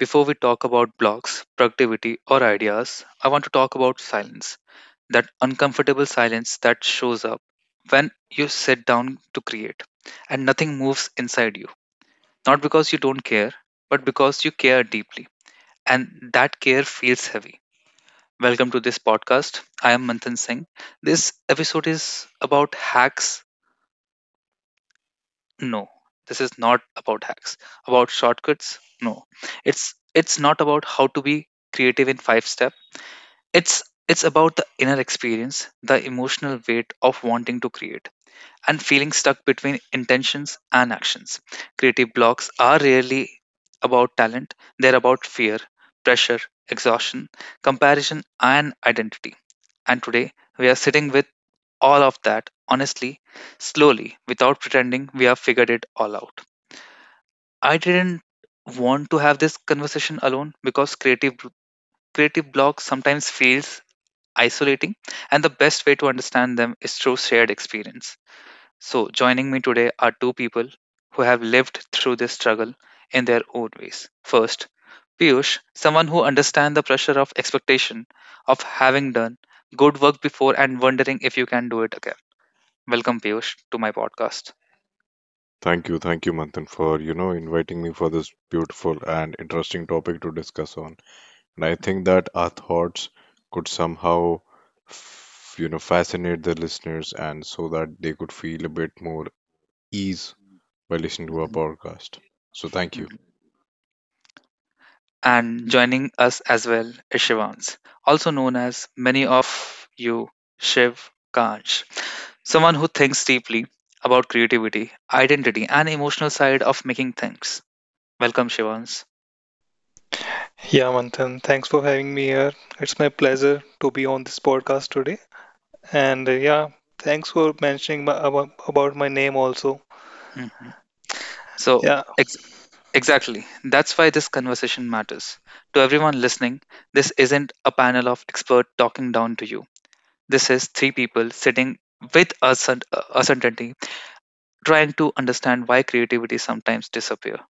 before we talk about blocks, productivity, or ideas, I want to talk about silence. That uncomfortable silence that shows up when you sit down to create and nothing moves inside you. Not because you don't care, but because you care deeply. And that care feels heavy. Welcome to this podcast. I am Manthan Singh. This episode is about hacks. No, this is not about hacks. About shortcuts? No. It's not about how to be creative in five step. It's it's about the inner experience, the emotional weight of wanting to create and feeling stuck between intentions and actions. Creative blocks are rarely about talent, they're about fear, pressure, exhaustion, comparison and identity. And today we are sitting with all of that honestly, slowly, without pretending we have figured it all out. I didn't want to have this conversation alone because creative block sometimes feels isolating and the best way to understand them is through shared experience. So joining me today are two people who have lived through this struggle in their own ways. First, Piyush, someone who understands the pressure of expectation, of having done good work before and wondering if you can do it again. Welcome, Piyush, to my podcast. Thank you, Manthan, for inviting me for this beautiful and interesting topic to discuss on. And I think that our thoughts could somehow, fascinate the listeners, and so that they could feel a bit more ease by listening to our Mhm. podcast. So thank you, And joining us as well is Shivans, also known as, many of you, Shiv Kanch, someone who thinks deeply about creativity, identity, and emotional side of making things. Welcome, Shivans. Yeah, Manthan, thanks for having me here. It's my pleasure to be on this podcast today. And yeah, thanks for mentioning about my name also. Mhm. So, Yeah, exactly, that's why this conversation matters. To everyone listening, this isn't a panel of experts talking down to you. This is three people sitting with a certainty, trying to understand why creativity sometimes disappears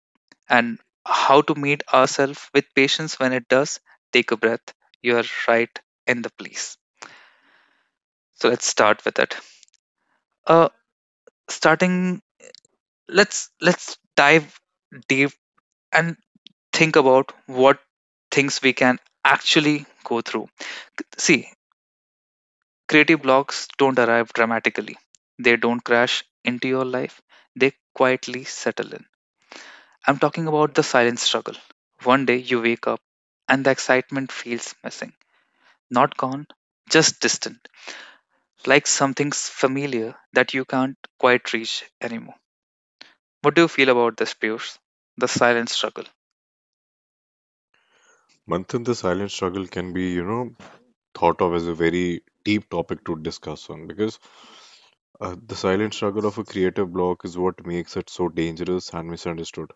and how to meet ourselves with patience when it does. Take a breath, you are right in the place. So let's start with it. Uh starting, let's dive deep and think about what things we can actually go through. See, creative blocks don't arrive dramatically, they don't crash into your life, they quietly settle in. I'm talking about the silent struggle. One day you wake up and the excitement feels missing. Not gone, just distant, like something's familiar that you can't quite reach anymore. What do you feel about this, Pierce? The silent struggle. Manthan. The silent struggle can be thought of as a very deep topic to discuss on because the silent struggle of a creative block is what makes it so dangerous and misunderstood.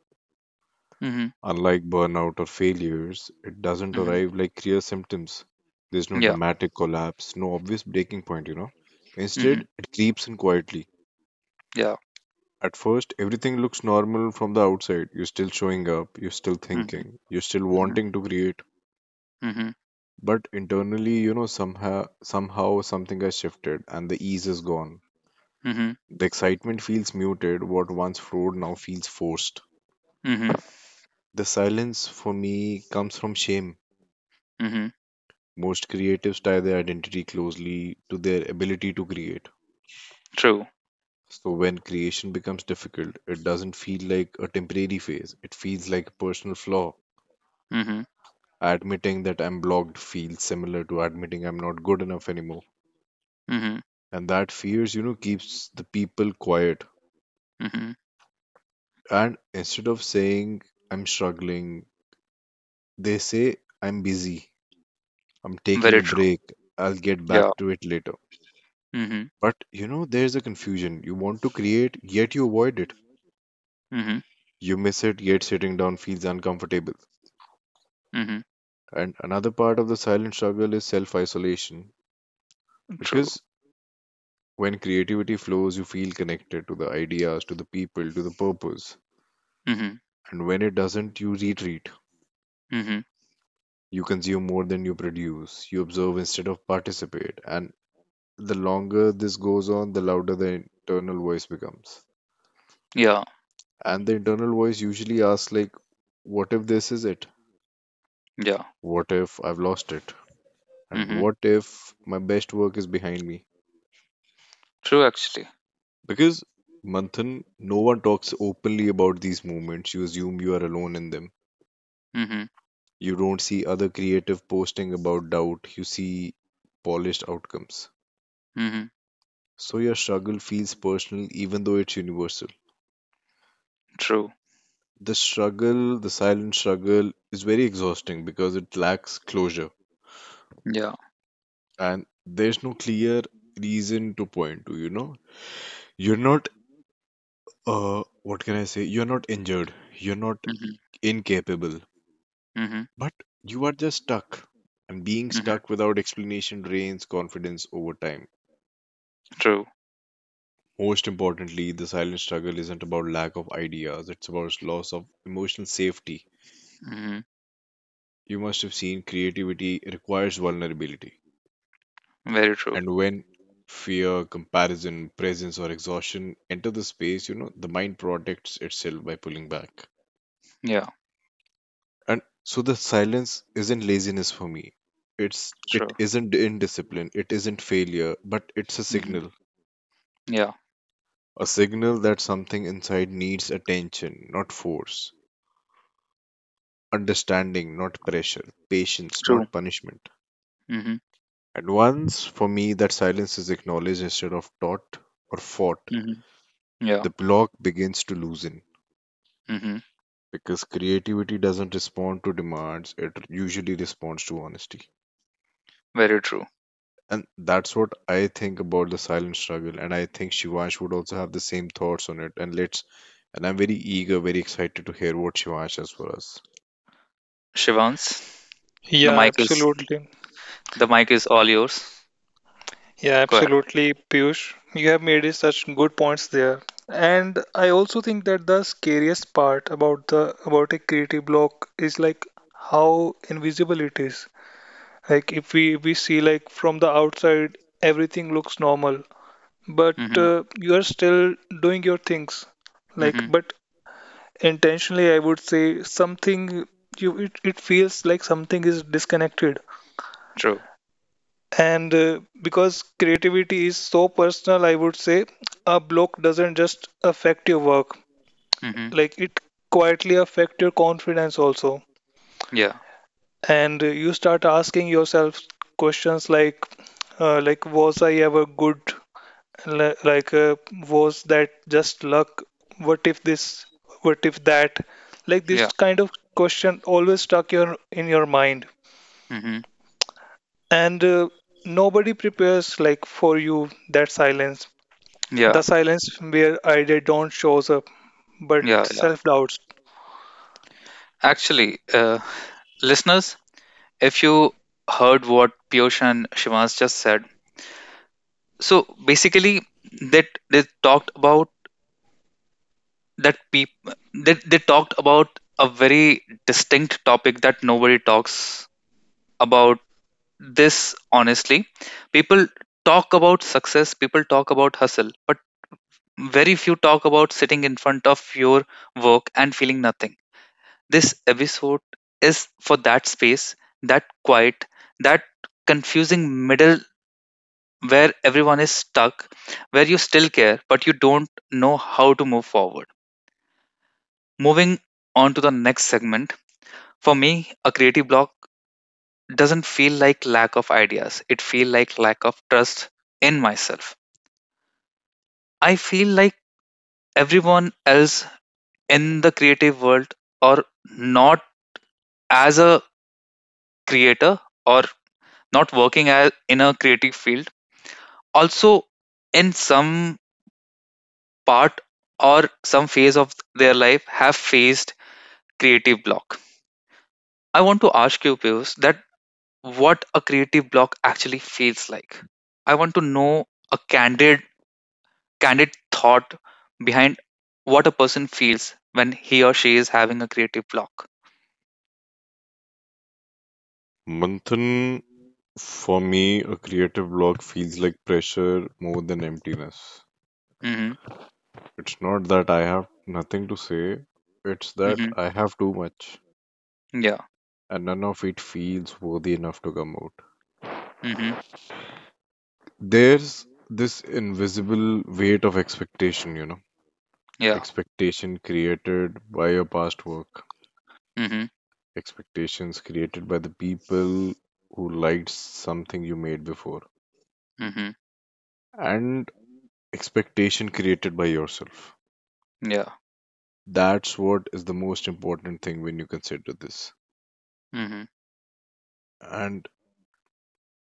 Hmm, Unlike burnout or failures, it doesn't hmm, arrive like clear symptoms. There's no yeah, dramatic collapse, no obvious breaking point. hmm, Instead, it creeps in quietly. yeah, At first, everything looks normal from the outside. You're still showing up, you're still hmm, thinking, you're still hmm, wanting to create. hmm, But internally somehow something has shifted, and the ease is gone. hmm, The excitement feels muted, what once flowed now feels forced. hmm, The silence for me comes from shame. hmm, Most creatives tie their identity closely to their ability to create. true, So when creation becomes difficult, it doesn't feel like a temporary phase. It feels like a personal flaw. hmm, Admitting that I'm blocked feels similar to admitting I'm not good enough anymore. hmm, And that fears keeps the people quiet. hmm, And instead of saying I'm struggling, they say I'm busy. I'm taking a very true, break. I'll get yeah, back to it later. hmm, But there's a confusion. You want to create, yet you avoid it. hmm, You miss it, yet sitting down feels uncomfortable. hmm, And another part of the silent struggle is self isolation. true, Because when creativity flows, you feel connected to the ideas, to the people, to the purpose. hmm, And when it doesn't, you retreat. hmm, You consume more than you produce. You observe instead of participate. And the longer this goes on, the louder the internal voice becomes. yeah, And the internal voice usually asks, like, what if this is it? yeah, What if I've lost it? And hmm, what if my best work is behind me? true, actually, Because, Manthan, no one talks openly about these movements. You assume you are alone in them. hmm, You don't see other creative posting about doubt. You see polished outcomes. hmm, So your struggle feels personal even though it's universal. true, The struggle, the silent struggle, is very exhausting because it lacks closure. yeah, And there's no clear reason to point to, you know? You're not, what can I say? You're not injured. You're not hmm, incapable. hmm, But you are just stuck. And being hmm, stuck without explanation drains confidence over time. true, Most importantly, the silent struggle isn't about lack of ideas, it's about loss of emotional safety. hmm, You must have seen creativity requires vulnerability. very true, And when fear, comparison, presence, or exhaustion enter the space the mind protects itself by pulling back. yeah, And so the silence isn't laziness for me. It's it true, isn't indiscipline, it isn't failure, but it's a hmm, signal. yeah, A signal that something inside needs attention, not force. Understanding, not pressure. Patience, true, not punishment. hmm, And once, for me, that silence is acknowledged instead of taught or fought, hmm, yeah, the block begins to loosen. hmm, Because creativity doesn't respond to demands, it usually responds to honesty. very true. And that's what I think about the silent struggle. And I think Shivansh would also have the same thoughts on it. And I'm very eager, very excited to hear what Shivansh has for us. Shivans, the yeah, mic is absolutely. the mic is all yours. Yeah, Go ahead. absolutely, Piyush. You have made it such good points there. And I also think that the scariest part about a creative block is like how invisible it is. Like if we see, like, from the outside, everything looks normal, but Hmm, you are still doing your things, like, hmm, but intentionally, I would say something you it feels like something is disconnected. true, And because creativity is so personal, I would say a block doesn't just affect your work, hmm, like it quietly affect your confidence also. yeah, And you start asking yourself questions like was I ever good, Li- like uh, was that just luck, what if this, what if that, like this yeah, kind of question always stuck your in your mind. hmm, And nobody prepares like for you that silence the yeah, silence where idea don't shows up but yeah, yeah. self doubts. Actually, listeners, if you heard what Piyush and Shivans just said, so basically that they talked about that people they talked about a very distinct topic that nobody talks about this honestly. People talk about success, people talk about hustle, but very few talk about sitting in front of your work and feeling nothing. This episode is for that space, that quiet, that confusing middle where everyone is stuck, where you still care, but you don't know how to move forward. Moving on to the next segment. For me, a creative block doesn't feel like lack of ideas, it feel like lack of trust in myself. I feel like everyone else in the creative world, or not as a creator or not working as in a creative field, also in some part or some phase of their life, have faced creative block. I want to ask you, Pius, that what a creative block actually feels like. I want to know a candid thought behind what a person feels when he or she is having a creative block. Manthan, for me, a creative block feels like pressure more than emptiness. Mhm, It's not that I have nothing to say, it's that mhm, I have too much, yeah, and none of it feels worthy enough to come out. mhm, There's this invisible weight of expectation, you know, yeah, expectation created by your past work, mhm, expectations created by the people who liked something you made before, mhm, and expectation created by yourself. yeah, That's what is the most important thing when you consider this. mhm, And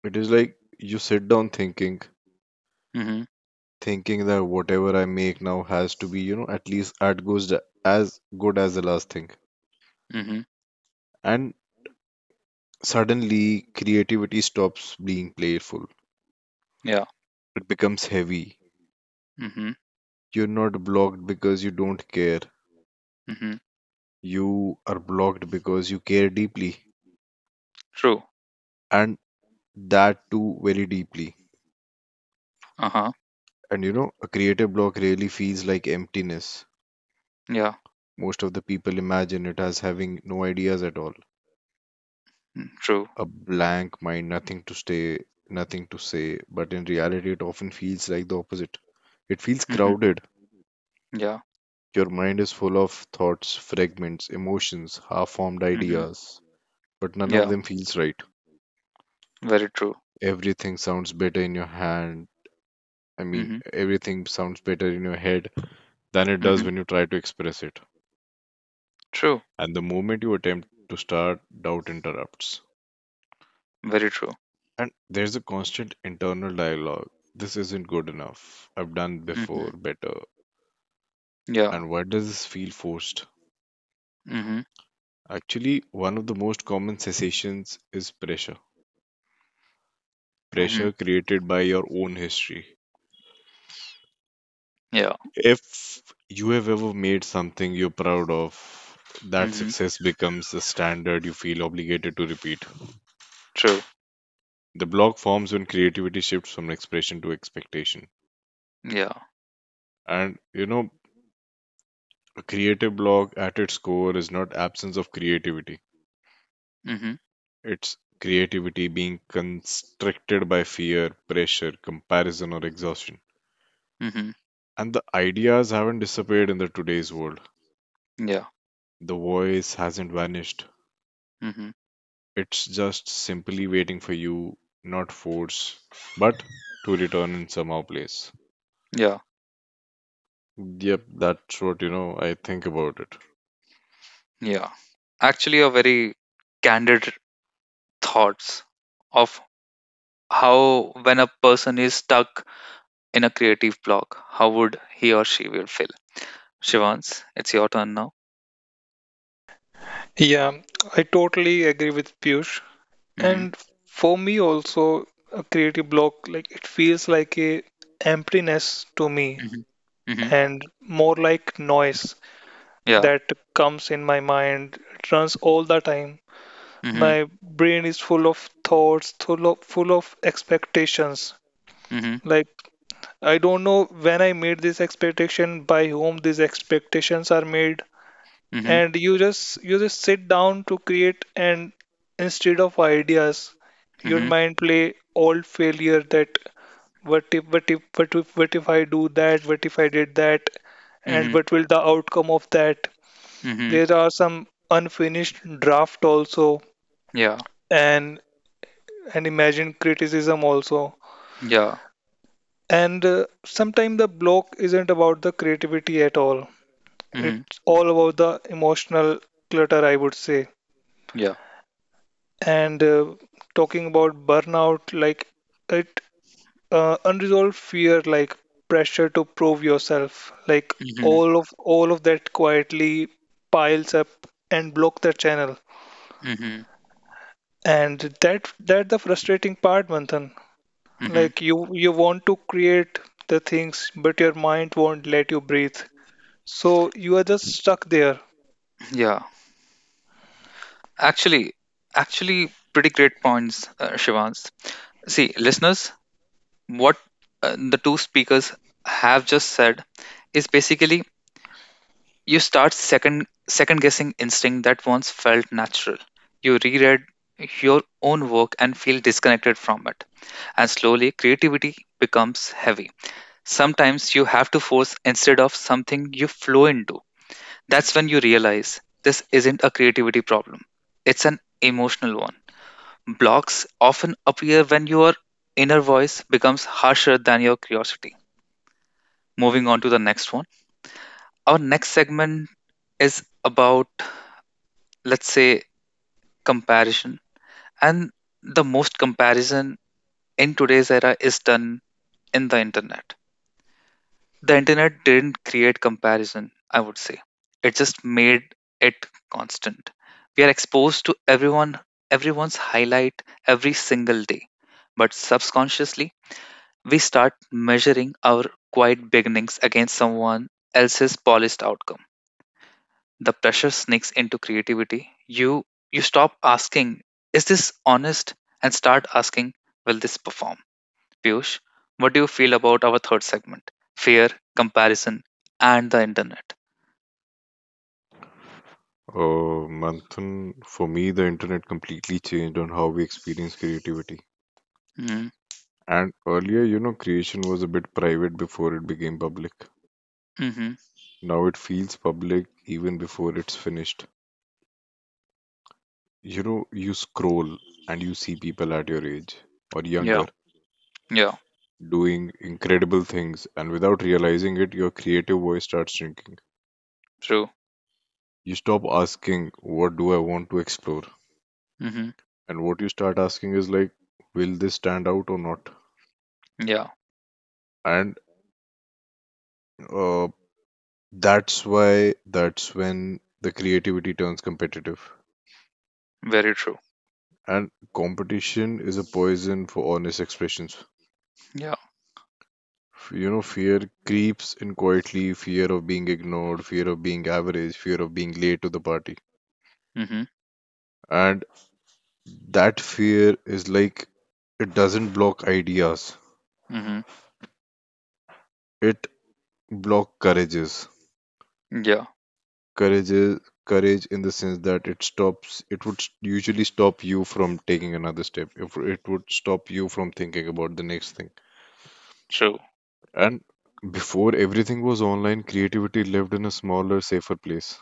it is like you sit down thinking, mhm, thinking that whatever I make now has to be at least at goes as good as the last thing. mhm, And suddenly creativity stops being playful. yeah, It becomes heavy. mhm, You're not blocked because you don't care. mhm, You are blocked because you care deeply. true, And that too very deeply. uh-huh, And a creative block really feels like emptiness. yeah, Most of the people imagine it as having no ideas at all, mm, true, a blank mind, nothing to stay, nothing to say, but in reality it often feels like the opposite. It feels mhm, crowded. yeah, Your mind is full of thoughts, fragments, emotions, half-formed mhm, ideas, but none of yeah, them feels right. very true, Everything sounds better in your hand. I mean, mhm, everything sounds better in your head than it does mhm, when you try to express it. true, And the moment you attempt to start, doubt interrupts. very true, And there's a constant internal dialogue. This isn't good enough. I've done before mhm, better. yeah, And why does this feel forced? mhm, Actually, one of the most common cessations is pressure. mhm, Pressure created by your own history. yeah, If you have ever made something you're proud of, that mhm, success becomes the standard you feel obligated to repeat. true, The block forms when creativity shifts from expression to expectation. yeah, And a creative block at its core is not absence of creativity. mhm, It's creativity being constricted by fear, pressure, comparison, or exhaustion. mhm, And the ideas haven't disappeared in the today's world. yeah, The voice hasn't vanished. mhm, It's just simply waiting for you, not force, but to return in somehow place. yeah. Yep, that's what I think about it. Yeah, actually, a very candid thoughts of how, when a person is stuck in a creative block, how would he or she will feel? Shivans, it's your turn now. Yeah, I totally agree with Piyush, Mm-hmm, and for me also a creative block, like, it feels like a emptiness to me mm-hmm, mm-hmm, and more like noise yeah, that comes in my mind. It runs all the time. mm-hmm, My brain is full of thoughts, full of expectations. mm-hmm, Like, I don't know when I made this expectation, by whom these expectations are made. mm-hmm, And you just sit down to create, and instead of ideas, your mm-hmm, mind play all failure that what if I do that, what if I did that, and mm-hmm, what will the outcome of that. mm-hmm, There are some unfinished draft also, yeah, and imagine criticism also. yeah, And sometimes the block isn't about the creativity at all. mm-hmm, It's all about the emotional clutter, I would say. yeah, And talking about burnout, like it unresolved fear, like pressure to prove yourself, like mm-hmm, all of that quietly piles up and block the channel. mm-hmm, And that the frustrating part, Manthan. mm-hmm, Like you want to create the things, but your mind won't let you breathe. So you are just stuck there. yeah. Actually, actually, pretty great points, Shivans. See, listeners, what the two speakers have just said is basically, you start second guessing instinct that once felt natural. You reread your own work and feel disconnected from it, and slowly creativity becomes heavy. Sometimes you have to force instead of something you flow into. That's when you realize this isn't a creativity problem, it's an emotional one. Blocks often appear when your inner voice becomes harsher than your curiosity. Moving on to the next one. Our next segment is about, let's say, comparison. And the most comparison in today's era is done in the internet. The internet didn't create comparison, I would say. It just made it constant. We are exposed to everyone's highlight every single day. But subconsciously, we start measuring our quiet beginnings against someone else's polished outcome. The pressure sneaks into creativity. You stop asking, is this honest? And start asking, will this perform? Piyush, what do you feel about our third segment? Fear, comparison, and the internet. Manthan, for me, the internet completely changed on how we experience creativity. Mm-hmm, And earlier creation was a bit private before it became public. hmm, Now it feels public even before it's finished. You scroll and you see people at your age or yeah, younger yeah, doing incredible things, and without realizing it, your creative voice starts shrinking. true, You stop asking, what do I want to explore? hmm, And what you start asking is, like, will this stand out or not? yeah, And uh, that's when the creativity turns competitive. very true, And competition is a poison for honest expressions. yeah, Fear creeps in quietly, fear of being ignored, fear of being average, fear of being late to the party. hmm, And that fear is like it doesn't block ideas. hmm, It block courages. yeah, Courages courage in the sense that it would usually stop you from taking another step. If it would stop you from thinking about the next thing. true, And before everything was online, creativity lived in a smaller, safer place.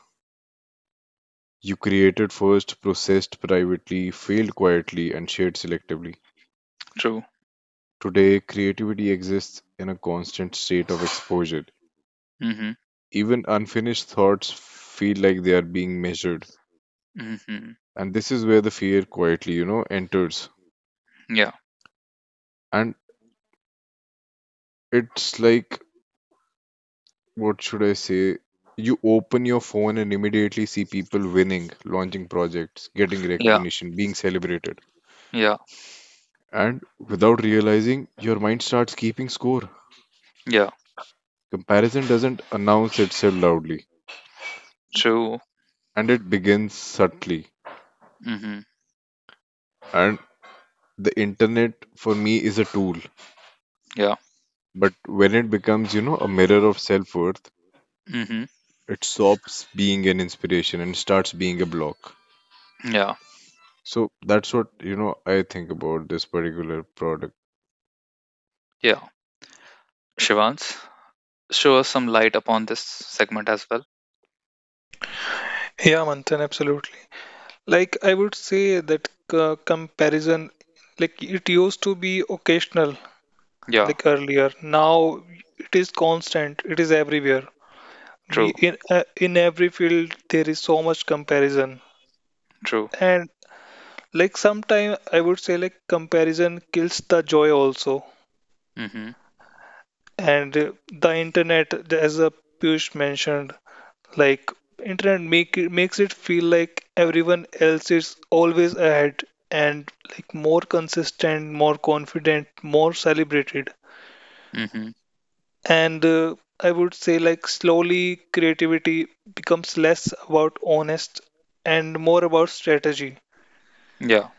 You created first, processed privately, failed quietly, and shared selectively. true, Today, creativity exists in a constant state of exposure. hmm, Even unfinished thoughts feel like they are being measured. hmm, And this is where the fear quietly enters. yeah, And it's like, what should I say? You open your phone and immediately see people winning, launching projects, getting yeah, recognition, being celebrated. yeah, And without realizing, your mind starts keeping score. yeah, Comparison doesn't announce itself loudly, true, and it begins subtly. hmm, And the internet for me is a tool, yeah, but when it becomes a mirror of self-worth, hmm, it stops being an inspiration and starts being a block. yeah, So that's what I think about this particular product. yeah. Shivans, show us some light upon this segment as well. Yeah, Manthan, absolutely. Like I would say that comparison, like it used to be occasional, Yeah, like earlier. Now it is constant. It is everywhere. We true, in every field there is so much comparison, true, and like sometime I would say like comparison kills the joy also. mhm, And the internet, as Piyush mentioned, like internet makes it feel like everyone else is always ahead and like more consistent, more confident, more celebrated. mhm, And I would say like slowly creativity becomes less about honest and more about strategy. yeah,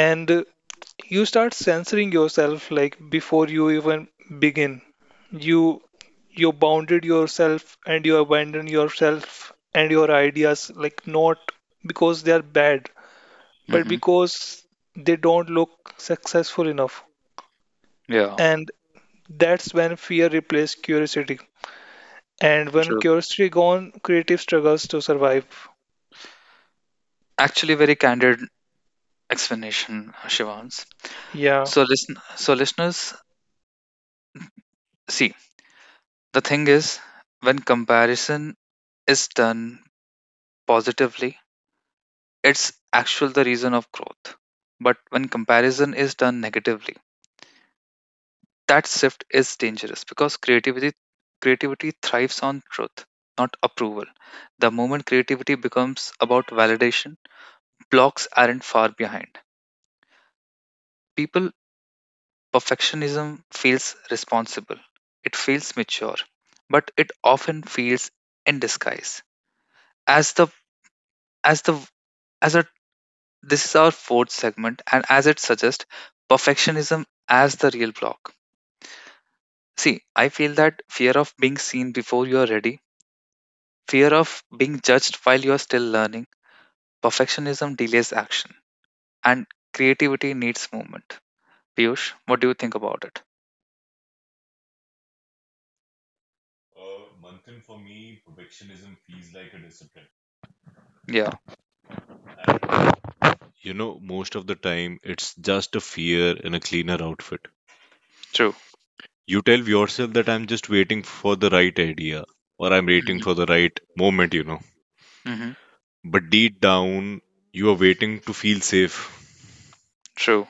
And you start censoring yourself, like before you even begin you you bounded yourself and you abandon yourself and your ideas, like not because they are bad but mhm, because they don't look successful enough. yeah, And that's when fear replaces curiosity, and when true. curiosity gone, creative struggles to survive. Actually, very candid explanation, Shivans. Yeah, So listeners, see, the thing is, when comparison is done positively, it's actual the reason of growth. But when comparison is done negatively, that shift is dangerous, because creativity thrives on truth, not approval. The moment creativity becomes about validation, blocks aren't far behind. People, perfectionism feels responsible, it feels mature, but it often feels in disguise as the as the as a this is our fourth segment, and as it suggests, perfectionism as the real block. See, I feel that fear of being seen before you are ready, fear of being judged while you are still learning. Perfectionism delays action, and creativity needs movement. Piyush, what do you think about it? Yeah, Most of the time it's just a fear in a cleaner outfit. true, You tell yourself that I'm just waiting for the right idea or I'm waiting for the mm-hmm, right moment. mm-hmm, But deep down, you are waiting to feel safe. true,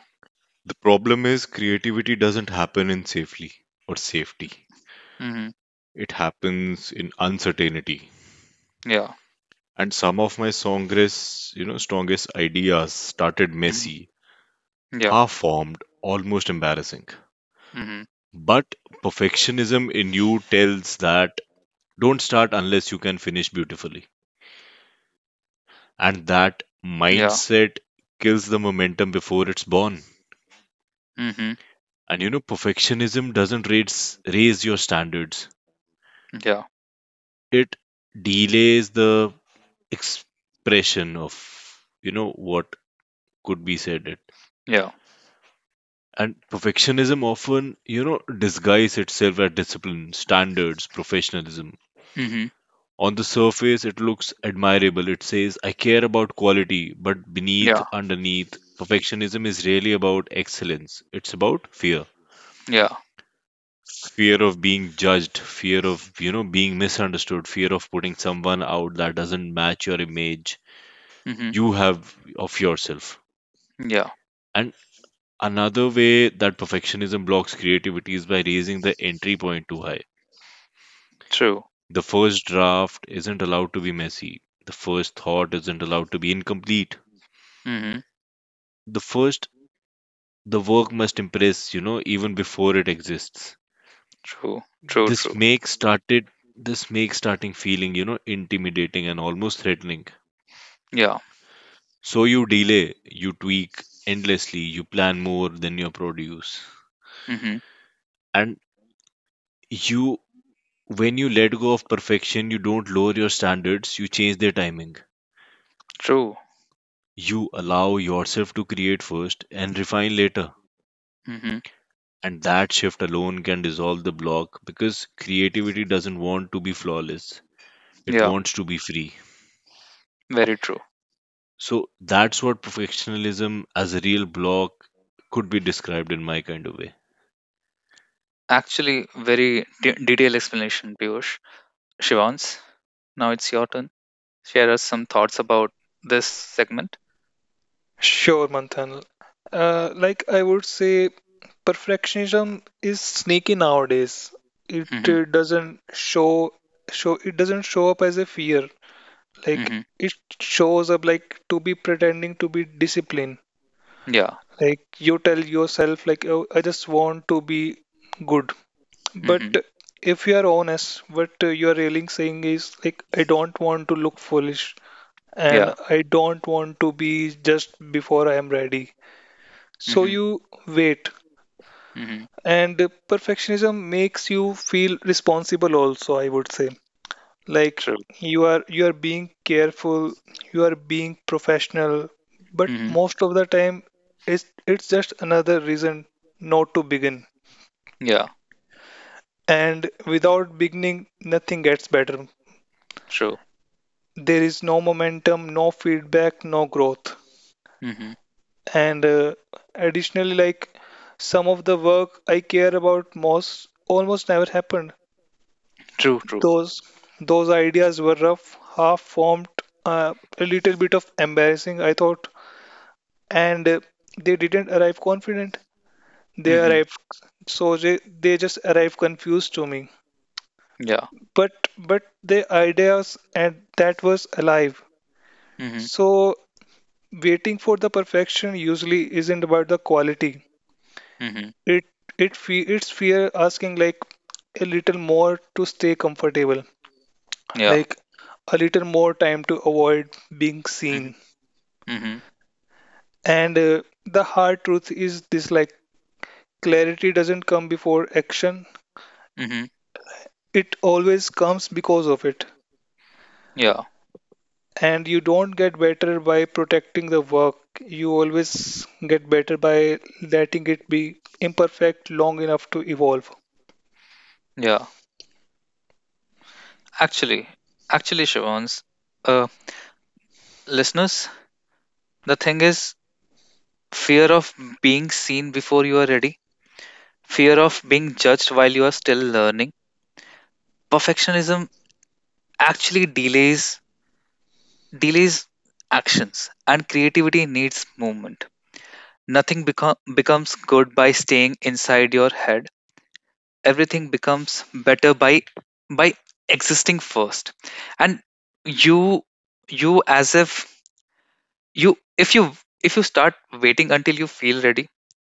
The problem is, creativity doesn't happen in safely or safety. mm-hmm, It happens in uncertainty. yeah, And some of my strongest ideas started mm-hmm, messy, yeah, half-formed, almost embarrassing. mm-hmm, But perfectionism in you tells that don't start unless you can finish beautifully. And that yeah, mindset kills the momentum before it's born. mm-hmm, And perfectionism doesn't raise your standards. yeah, It delays the expression of what could be said. It. yeah, And perfectionism often disguise itself as discipline, standards, professionalism. mm-hmm, On the surface, it looks admirable. It says, I care about quality, but beneath, yeah, underneath, perfectionism is really about excellence. It's about fear. yeah, Fear of being judged, fear of being misunderstood, fear of putting someone out that doesn't match your image mm-hmm, you have of yourself. yeah, And another way that perfectionism blocks creativity is by raising the entry point too high. true, The first draft isn't allowed to be messy. The first thought isn't allowed to be incomplete. mm-hmm, The first the work must impress even before it exists. true, true, this true, makes started this makes starting feeling intimidating and almost threatening. yeah, So you delay, you tweak endlessly, you plan more than you produce. mm-hmm, And you, when you let go of perfection, you don't lower your standards, you change their timing. true, You allow yourself to create first and refine later. mm-hmm, And that shift alone can dissolve the block because creativity doesn't want to be flawless, it yeah, wants to be free. very true. So that's what perfectionism as a real block could be described in my kind of way. Actually, very detailed explanation, Piyush. Shivans, now it's your turn. Share us some thoughts about this segment. sure, Manthan. I would say perfectionism is sneaky nowadays. It Mm-hmm, uh, doesn't show it doesn't show up as a fear. Like mm-hmm, it shows up like to be pretending to be disciplined. yeah, Like you tell yourself like, oh, I just want to be good. mm-hmm, But if you are honest, what you are really saying is like, I don't want to look foolish and yeah, I don't want to be just before I am ready. So mm-hmm, you wait. mm-hmm, And perfectionism makes you feel responsible also, I would say. Like true, you are being careful, you are being professional, but mm-hmm, most of the time it's just another reason not to begin. yeah, And without beginning, nothing gets better. true, There is no momentum, no feedback, no growth. mm-hmm, And additionally, like some of the work I care about most almost never happened. true, true, Those those ideas were rough, half formed, a little bit of embarrassing, I thought, and they didn't arrive confident. They mm-hmm, arrived so they, they just arrived confused to me. yeah, But but the ideas and that was alive. mm-hmm, So waiting for the perfection usually isn't about the quality. mm-hmm, It it's fear asking like a little more to stay comfortable, yeah, like a little more time to avoid being mm-hmm, seen. mm-hmm, And the hard truth is this, like clarity doesn't come before action, mm-hmm, it always comes because of it. yeah, And you don't get better by protecting the work, you always get better by letting it be imperfect long enough to evolve. yeah. Actually, actually, Shivans, uh, listeners, the thing is, fear of being seen before you are ready, fear of being judged while you are still learning. Perfectionism actually delays actions, and creativity needs movement. Nothing becomes good by staying inside your head. Everything becomes better by existing first. And you you as if you if you if you start waiting until you feel ready,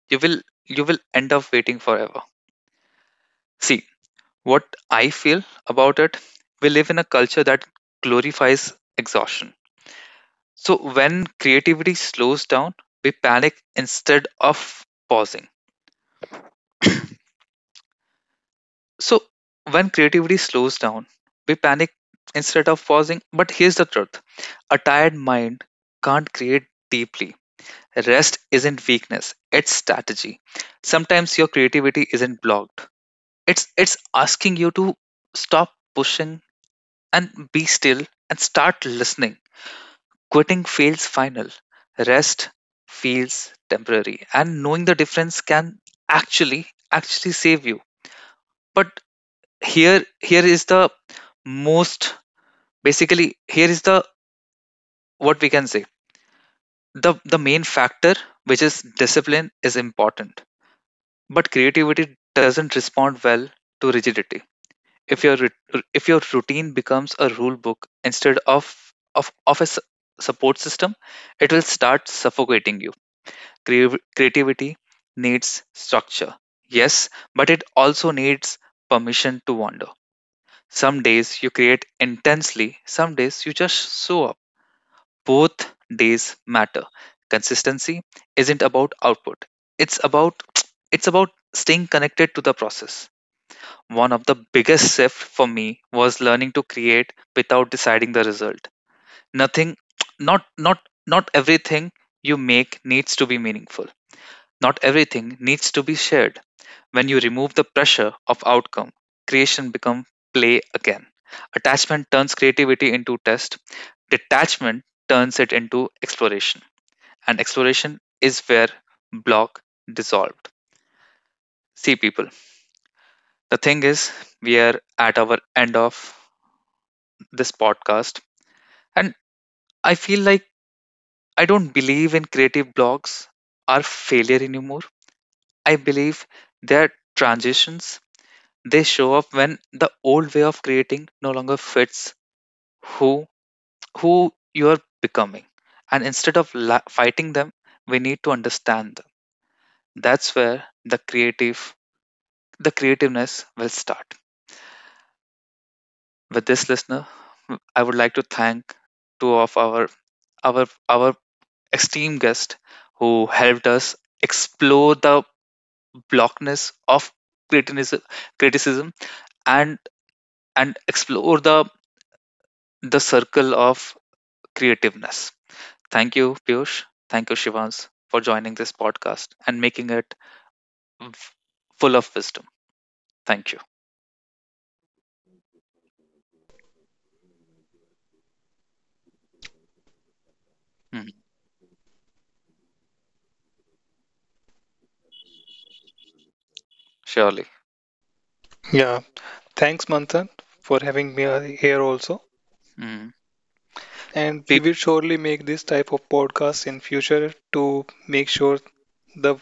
you will end up waiting forever. See, what I feel about it, we live in a culture that glorifies exhaustion. So when creativity slows down, we panic instead of pausing. So when creativity slows down, we panic instead of pausing. But here's the truth, a tired mind can't create deeply. Rest isn't weakness, it's strategy. Sometimes your creativity isn't blocked. It's asking you to stop pushing and be still and start listening. Quitting feels final, rest feels temporary, and knowing the difference can actually actually save you. But here, here is the most basically, here is the what we can say. The main factor, which is discipline, is important. But creativity doesn't respond well to rigidity. If your routine becomes a rule book instead of a support system, it will start suffocating you. Creativity needs structure. Yes, but it also needs permission to wander. Some days you create intensely, some days you just show up. Both days matter. Consistency isn't about output. It's about it's about staying connected to the process. One of the biggest shift for me was learning to create without deciding the result. Nothing not not not everything you make needs to be meaningful. Not everything needs to be shared. When you remove the pressure of outcome, creation becomes play again. Attachment turns creativity into test, detachment turns it into exploration. And exploration is where block dissolved. See, people, the thing is, we are at our end of this podcast, and I feel like I don't believe in creative blocks are failure anymore. I believe they are transitions. They show up when the old way of creating no longer fits who who you're becoming. And instead of fighting them, we need to understand them. That's where the creative the creativeness will start. With this, listener, I would like to thank two of our esteemed guests who helped us explore the blockness of criticism criticism and and explore the circle of creativeness. Thank you, Piyush. Thank you, Shivans, for joining this podcast and making it f- full of wisdom. Thank you. Mhm. Surely. Yeah, thanks, Manthan, for having me here also. Mhm. And we Peop will surely make this type of podcast in future to make sure the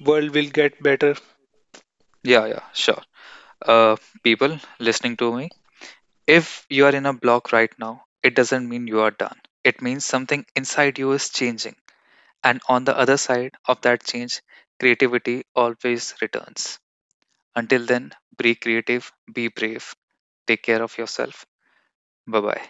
world will get better. Yeah, yeah, sure. Uh, People listening to me, if you are in a block right now, it doesn't mean you are done. It means something inside you is changing. And on the other side of that change, creativity always returns. Until then, be creative, be brave, take care of yourself. Bye bye.